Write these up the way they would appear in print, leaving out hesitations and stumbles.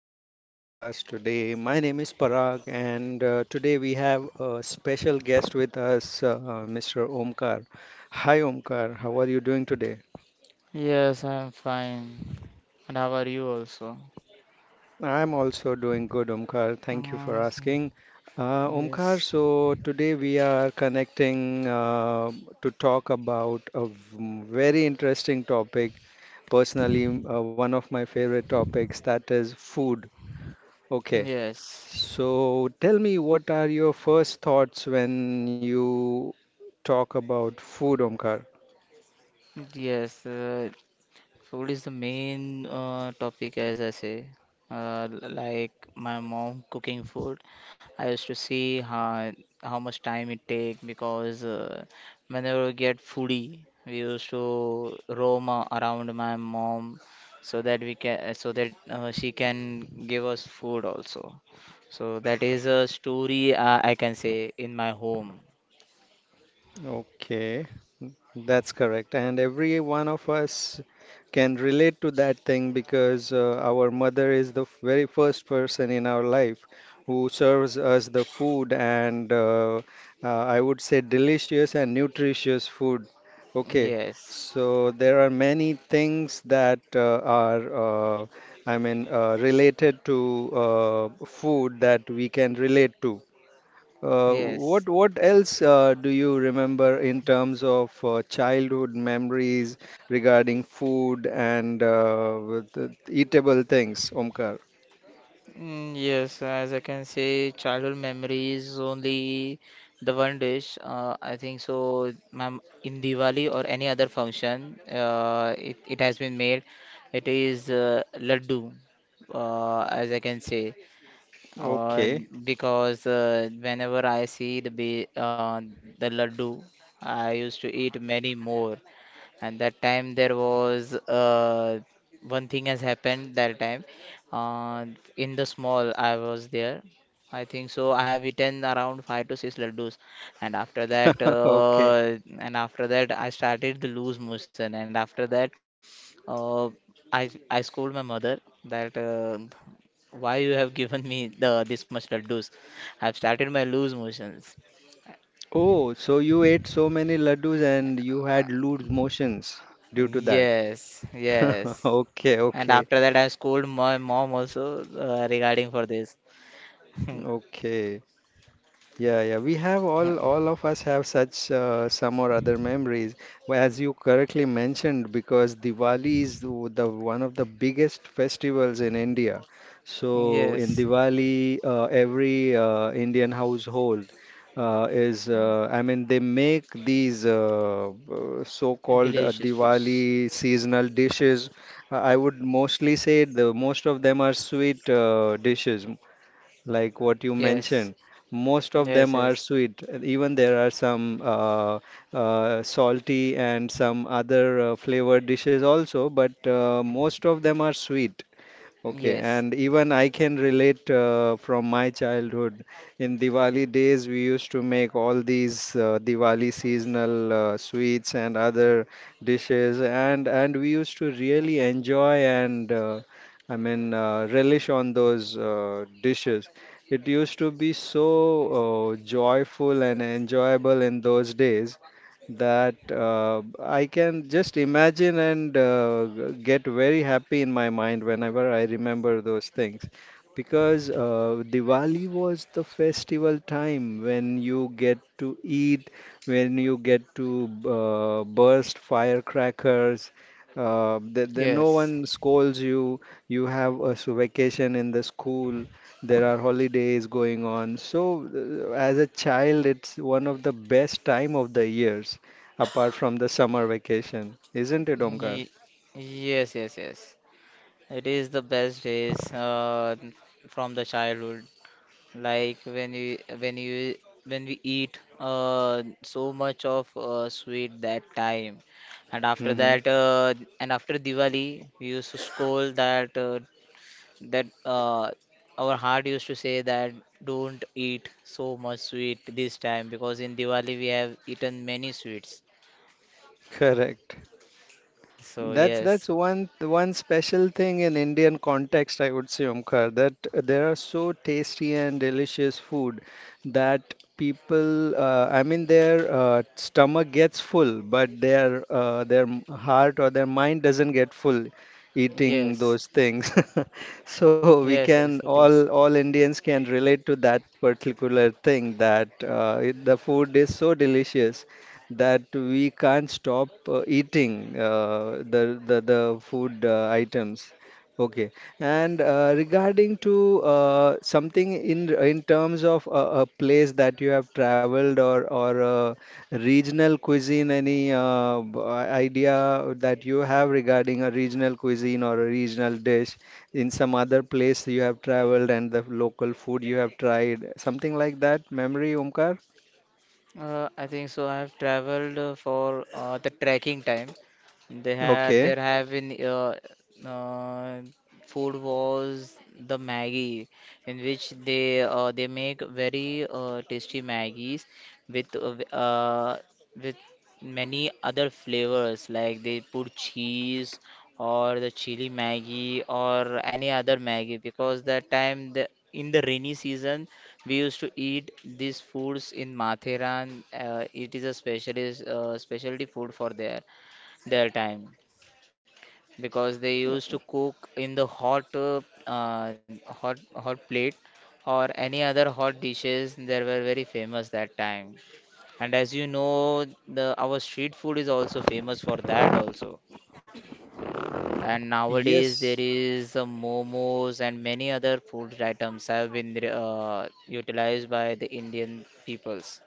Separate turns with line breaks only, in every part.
to my podcast today. My name is Parag, and today we have a special guest with us, Mr. Omkar. Hi, Omkar. How are you doing today?
Yes, I'm fine. And how are you also?
I'm also doing good, Omkar. Thank you
Uh,
for asking. Omkar,
yes,
so today we are connecting to talk about a very interesting topic, personally, one of my favorite topics, that is food. Okay.
yes,
So tell me, what are your first thoughts when you talk about food, Omkar?
yes. Uh, Food is the main topic, as I say. Like my mom cooking food, I used to see how much time it take because whenever we get foodie, we used to roam around my mom so that we can so that she can give us food also. So that is a story I can say in my home.
Okay, that's correct. And every one of us can relate to that thing because our mother is the very first person in our life who serves us the food and I would say delicious and nutritious food. Okay,
Yes,
so there are many things that are, related to food that we can relate to.
yes.
What else do you remember in terms of childhood memories regarding food and with the eatable things, Omkar?
Yes, as I can say, childhood memories only the one dish. I think so. Ma'am, in Diwali or any other function, it has been made. It is laddu, as I can say, uh,
Okay,
because whenever I see the the laddu, I used to eat many more, and that time there was one thing has happened that time, uh, in the small I was there. I think so I have eaten around 5 to 6 laddus, and after
okay.
that I started the loose motion, and after that uh, I scold my mother that why you have given me the this much laddus. I've started my loose motions.
Oh, so you ate so many laddus and you had loose motions due to that.
Yes, yes.
Okay,
And
okay,
after that, I scold my mom also regarding for this.
okay. Yeah, yeah. We have
Hmm.
all of us have such some or other memories. Well, as you correctly mentioned, because Diwali is the one of the biggest festivals in India. So in
Yes.
Diwali, every Indian household is, I mean, they make these so-called
Delicious foods.
Diwali seasonal dishes. I would mostly say the most of them are sweet dishes like what you mentioned.
Yes.
Most of them
Yes,
are
yes.
sweet. Even there are some salty and some other flavored dishes also, but most of them are sweet. Okay,
Yes,
and even I can relate from my childhood. In Diwali days, we used to make all these Diwali seasonal sweets and other dishes, and we used to really enjoy and relish on those dishes. It used to be so joyful and enjoyable in those days that I can just imagine and get very happy in my mind whenever I remember those things. Because Diwali was the festival time when you get to eat, when you get to burst firecrackers. No
yes.
one scolds you. You have a vacation in the school. There are holidays going on. So, as a child, it's one of the best time of the years apart from the summer vacation, isn't it, Omkar?
Ye- Yes, yes, yes. It is the best days from the childhood. Like when you when you when we eat so much of sweet that time, and after
Hmm.
Diwali, we used to scold that our heart used to say that don't eat so much sweet this time because in Diwali we have eaten many sweets.
Correct.
So
That's
yes,
that's one special thing in Indian context, I would say, Omkar, that there are so tasty and delicious food that people, their stomach gets full, but their heart or their mind doesn't get full eating
yes,
those things. So we
yes, yes,
can
it is.
all Indians can relate to that particular thing that the food is so delicious that we can't stop eating the food items. Okay, and regarding to something in terms of a place that you have traveled or regional cuisine, any idea that you have regarding a regional cuisine or a regional dish in some other place you have traveled and the local food you have tried, something like that? Memory, Omkar?
I think so. I have traveled for the trekking time. They have
Okay.
there have been uh, Food was the Maggie, in which they make very tasty Maggies with with many other flavors, like they put cheese or the chili Maggie or any other Maggie, because that time the in the rainy season we used to eat these foods in Matheran. It is a specialist specialty food for their time, because they used to cook in the hot hot plate or any other hot dishes that were very famous that time. And as you know, the our street food is also famous for that also. And nowadays
Yes.
there is momos and many other food items have been utilized by the Indian peoples.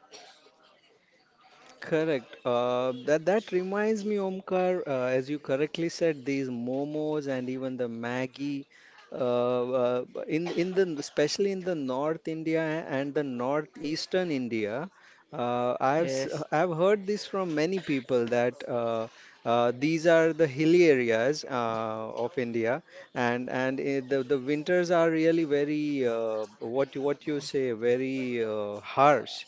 Correct. That reminds me, Omkar, as you correctly said, these momos and even the Maggie, in the especially in the North India and the northeastern India,
Yes,
I've heard this from many people that these are the hilly areas of India, and I the winters are really very what you say very harsh,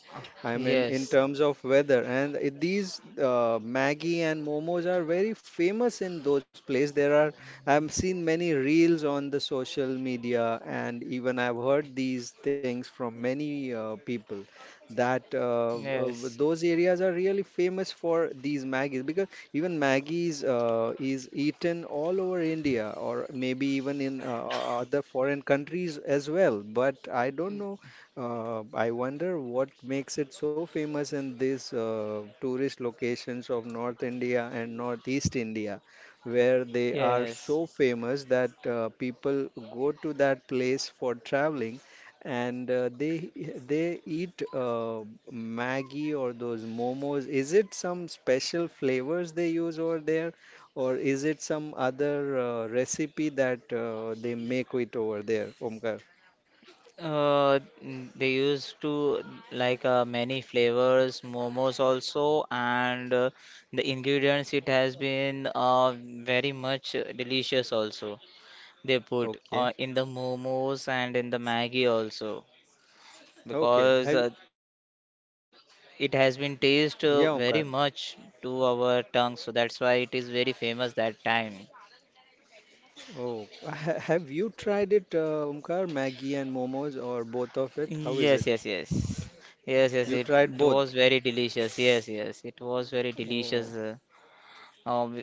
I mean, in
yes,
terms of weather, and these Maggie and momos are very famous in those places. There are, I've seen many reels on the social media, and even I've heard these things from many people that
yes,
those areas are really famous for these Maggies because even Maggies is eaten all over India or maybe even in other foreign countries as well. But I don't know, I wonder what makes it so famous in these tourist locations of North India and Northeast India, where they are
yes.
so famous that people go to that place for traveling, and they eat Maggi or those momos. Is it some special flavors they use over there, or is it some other recipe that they make it over there, Omkar?
They used to like many flavors, momos also, and the ingredients it has been very much delicious also. They put
Okay.
in the momos and in the Maggie also,
Okay.
because
Have—
it has been taste
Yeah,
very
Omkar.
much to our tongue, so that's why it is very famous that time.
Oh, have you tried it, Omkar? Maggie and momos, or both of it?
Yes,
How is
yes,
it?
yes. Yes, yes, it,
You
it
tried
was
both?
very delicious. Yes, yes, it was very delicious.
Oh,
Um,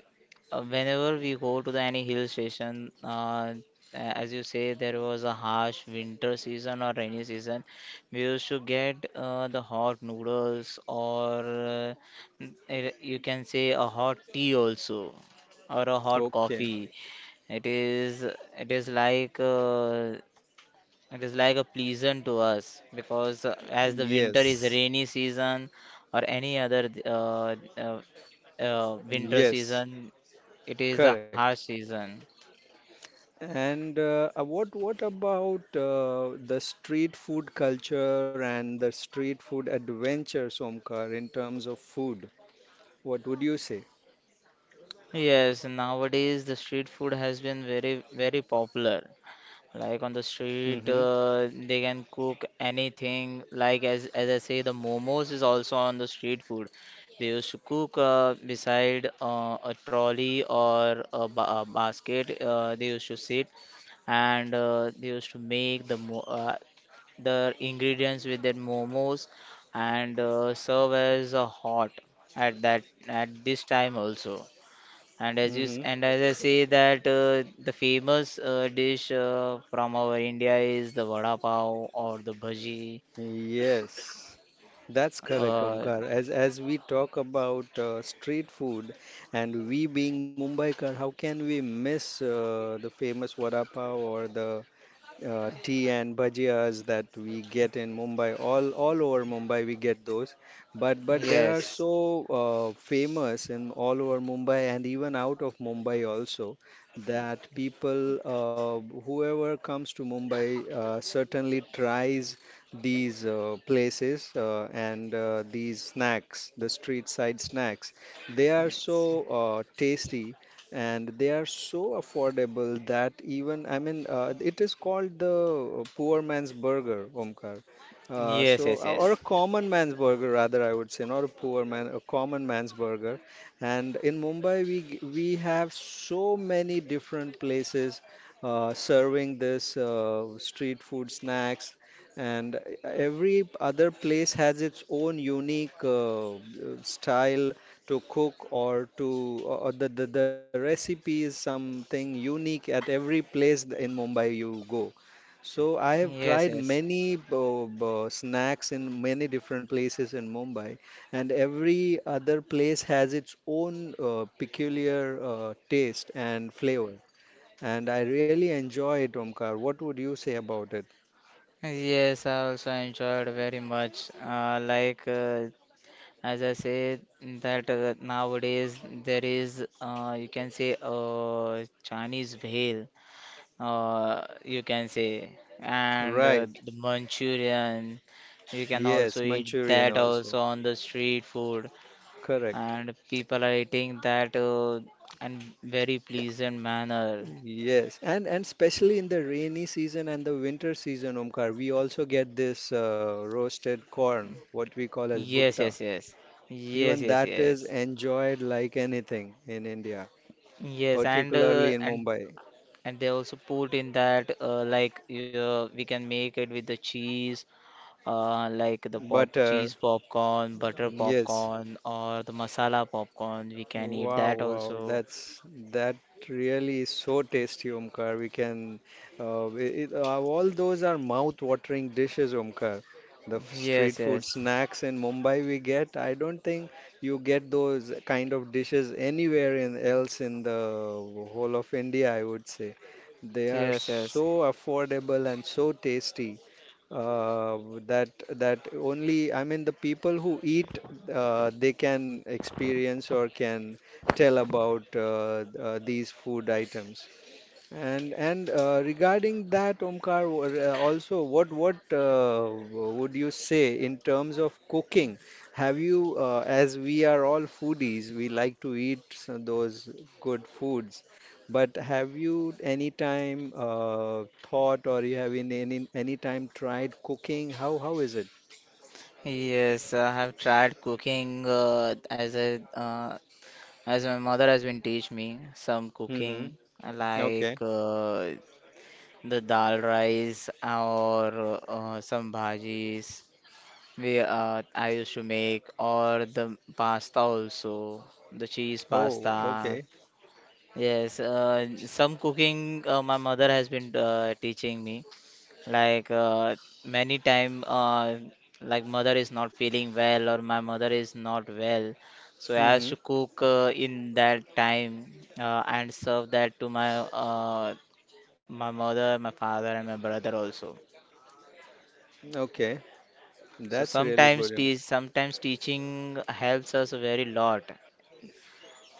Whenever we go to the any hill station, as you say, there was a harsh winter season or rainy season. We used to get the hot noodles or you can say a hot tea also or a hot
okay.
coffee. It is like it is like a pleasant to us because as the winter is
Yes,
rainy season or any other winter
yes,
season, it is a harsh
correct.
season.
And what about the street food culture and the street food adventures, Omkar, in terms of food? What would you say?
Yes, nowadays the street food has been very, very popular. Like on the street,
Mm-hmm.
they can cook anything. Like as I say, the momos is also on the street food. They used to cook beside a trolley or a, ba a basket. They used to sit and they used to make the ingredients with their momos, and serve as a hot at that at this time also. And as you s-
Mm-hmm.
and as i say that the famous dish from our India is the vada pav or the bhaji.
Yes. That's correct,
uh,
Omkar. As we talk about street food, and we being Mumbaikar, how can we miss the famous vada pav or the tea and bhajias that we get in Mumbai, all over Mumbai we get those. But there are
yes
so famous in all over Mumbai and even out of Mumbai also, that people whoever comes to Mumbai certainly tries these places and these snacks, the street side snacks. They are so tasty and they are so affordable that, even I mean it is called the poor man's burger, Omkar.
yes yes
Or a
yes
common man's burger rather, I would say, not a poor man, a common man's burger. And in Mumbai we have so many different places serving this street food snacks, and every other place has its own unique style to cook, or to, or the recipe is something unique at every place in Mumbai you go. So I have
yes
tried
yes
many snacks in many different places in Mumbai, and every other place has its own peculiar taste and flavor. And I really enjoy it, Omkar. What would you say about it?
Yes, I also enjoyed very much. As I said, that nowadays there is, you can say, Chinese veil, you can say, and
Right.
the Manchurian. You can also
Yes,
eat
Manchurian
that
also.
also on the street food,
Correct.
and people are eating that in very pleasant manner.
Yes, and especially in the rainy season and the winter season, Omkar, we also get this roasted corn, what we call as
Yes,
bhutta.
yes, yes, yes,
Even
yes,
that is
yes.
enjoyed like anything in India,
Yes, and
particularly
uh,
in
and
Mumbai.
and they also put in that we can make it with the cheese, like the pop
Butter,
cheese popcorn, butter
yes.
popcorn, or the masala popcorn. We can eat
Wow,
that
wow,
also.
that's, that really is so tasty, Omkar. We can, all those are mouth-watering dishes, Omkar. The
Yes,
street food
yes,
snacks in Mumbai we get, I don't think you get those kind of dishes anywhere in, else in the whole of India, I would say. They are
yes, yes,
so affordable and so tasty uh, that that only, I mean, the people who eat they can experience or can tell about these food items. And regarding that, Omkar, also, would you say in terms of cooking? Have you, as we are all foodies, we like to eat some, those good foods, but have you any time thought, or you have in any time tried cooking? How is it?
yes. I have tried cooking as my mother has been teach me some
Mm-hmm.
cooking, like
Okay.
the dal rice or some bhajis. We I used to make, or the pasta also, the cheese
Oh,
pasta.
okay.
Yes, some cooking my mother has been teaching me. Like uh, Many time, like mother is not feeling well or my mother is not well, so I have
Mm-hmm.
to cook in that time and serve that to my mother, my father, and my brother also.
Okay,
So
that's really good. Im—
sometimes teaching helps us a very lot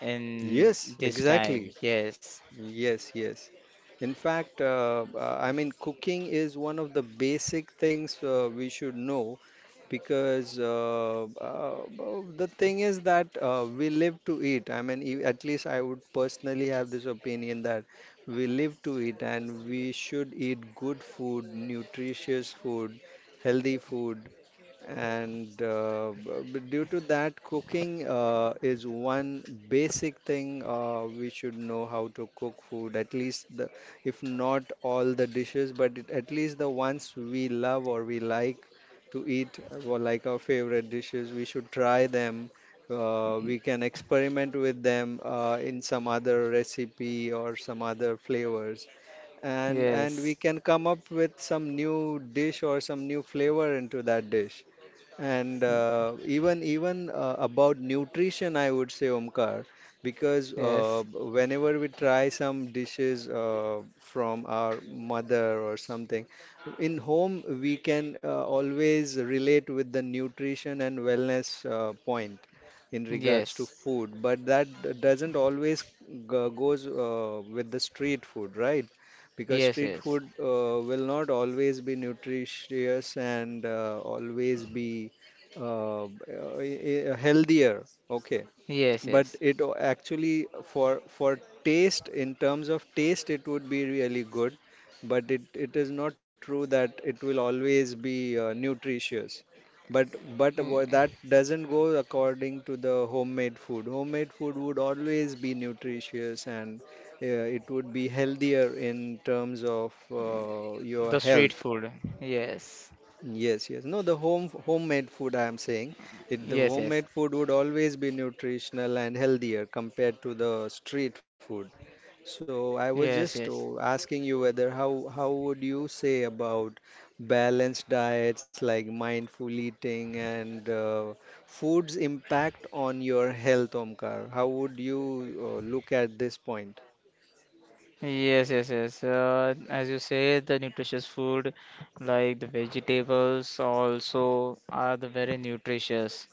in
Yes,
this time.
exactly.
Yes,
Yes, yes. In fact, cooking is one of the basic things we should know, because the thing is that we live to eat. I mean, at least I would personally have this opinion that we live to eat and we should eat good food, nutritious food, healthy food. And due to that, cooking is one basic thing we should know how to cook food, at least the, if not all the dishes, but it, at least the ones we love or we like to eat, or like our favorite dishes, we should try them. We can experiment with them in some other recipe or some other flavors, and we
yes,
can come up with some new dish or some new flavor into that dish, and even about nutrition, I would say Omkar, because
yes,
whenever we try some dishes from our mother or something, in home we can always relate with the nutrition and wellness point in regards to
yes.
food, but that doesn't always goes with the street food, right? Because
Yes,
street
yes,
food will not always be nutritious and always be uh, healthier, okay,
yes,
but
yes.
it actually for taste, in terms of taste, it would be really good, but it is not true that it will always be nutritious, but
Mm.
that doesn't go according to the homemade food. Homemade food would always be nutritious and it would be healthier in terms of your
The
health.
street food. Yes,
Yes, yes. No, the home homemade food I am saying, it, the
yes, yes,
homemade food would always be nutritional and healthier compared to the street food. So I was
yes,
just,
yes,
oh, asking you whether how would you say about balanced diets, like mindful eating and food's impact on your health, Omkar? How would you look at this point?
yes, yes, yes. As you say, the nutritious food, like the vegetables, also are the very nutritious.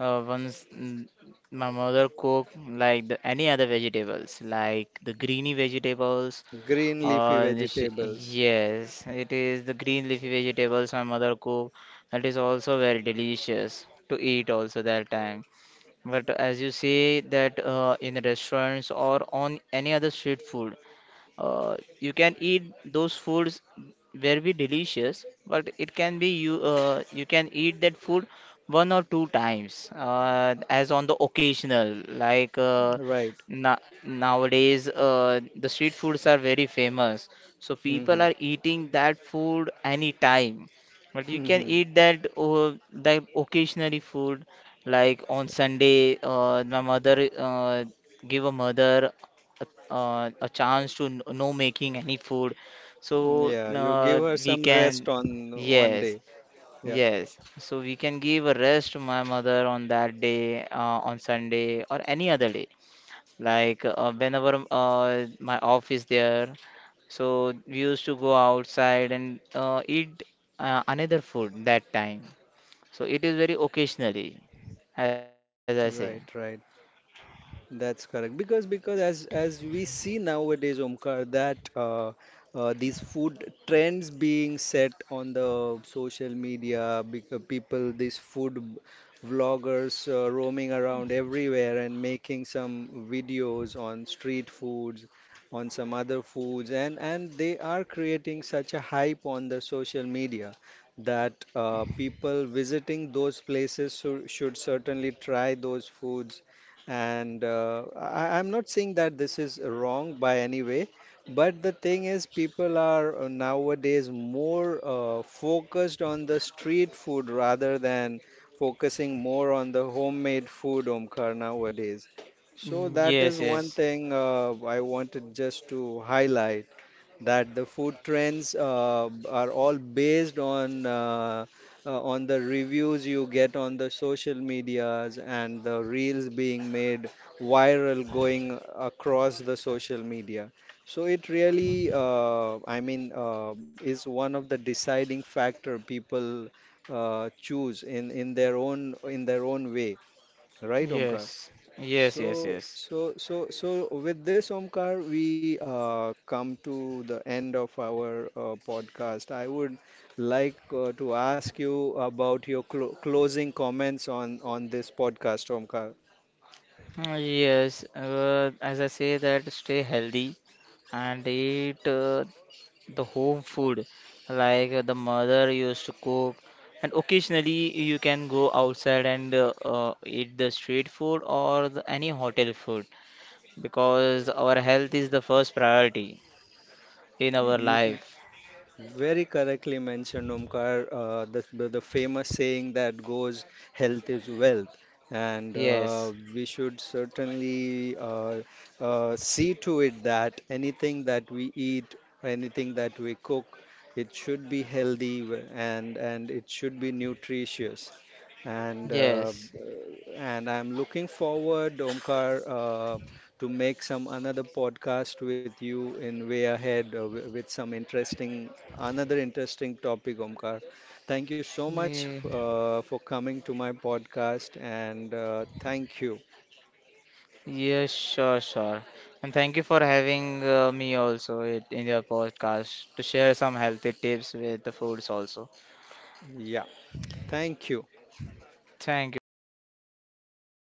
Uh, once mm, my mother cook like the, any other vegetables, like the greeny vegetables.
Green leafy vegetables,
Yes, it is the green leafy vegetables my mother cook. That is also very delicious to eat also that time. But as you say that in restaurants or on any other street food, you can eat those foods very be delicious, but it can be you can eat that food one or two times as on the occasional. Like
right?
na Nowadays the street foods are very famous, so people
Hmm.
are eating that food anytime, but you can eat that that occasionally food, like on Sunday. My mother, give a mother a, a chance to know making any food, so
Yeah, you give her
we
some
can.
rest on one
Yes,
day. Yeah,
yes, so we can give a rest to my mother on that day, on Sunday or any other day, like whenever my office there, so we used to go outside and eat another food that time. So it is very occasionally, as I say.
right, right. That's correct because as we see nowadays, Omkar, that these food trends being set on the social media, because people, these food vloggers roaming around everywhere and making some videos on street foods, on some other foods, and they are creating such a hype on the social media that people visiting those places should certainly try those foods, and I, I'm not saying that this is wrong by any way, but the thing is, people are nowadays more focused on the street food rather than focusing more on the homemade food, Omkar, nowadays. So that is
Yes,
one
yes,
thing I wanted just to highlight, that the food trends are all based on the reviews you get on the social medias and the reels being made viral going across the social media. So it really, is one of the deciding factor people choose in in their own way, right, Omkar?
yes, yes, yes,
So,
yes.
with this, Omkar, we come to the end of our podcast. I would like to ask you about your closing comments on this podcast, Omkar.
Yes, as I say that stay healthy and eat the home food, like the mother used to cook, and occasionally you can go outside and eat the street food or the any hotel food, because our health is the first priority in our
You—
life.
very correctly mentioned, Omkar. The famous saying that goes, health is wealth. And
Yes,
we should certainly see to it that anything that we eat, anything that we cook, it should be healthy and it should be nutritious and
yes.
I'm looking forward, Omkar, to make some another podcast with you in way ahead with some interesting, another interesting topic, Omkar. Thank you so much
Yeah.
for coming to my podcast, and thank you.
Yes, sure, sure. And thank you for having me also it, in your podcast to share some healthy tips with the foods also.
Yeah, thank you.
Thank you, Parag.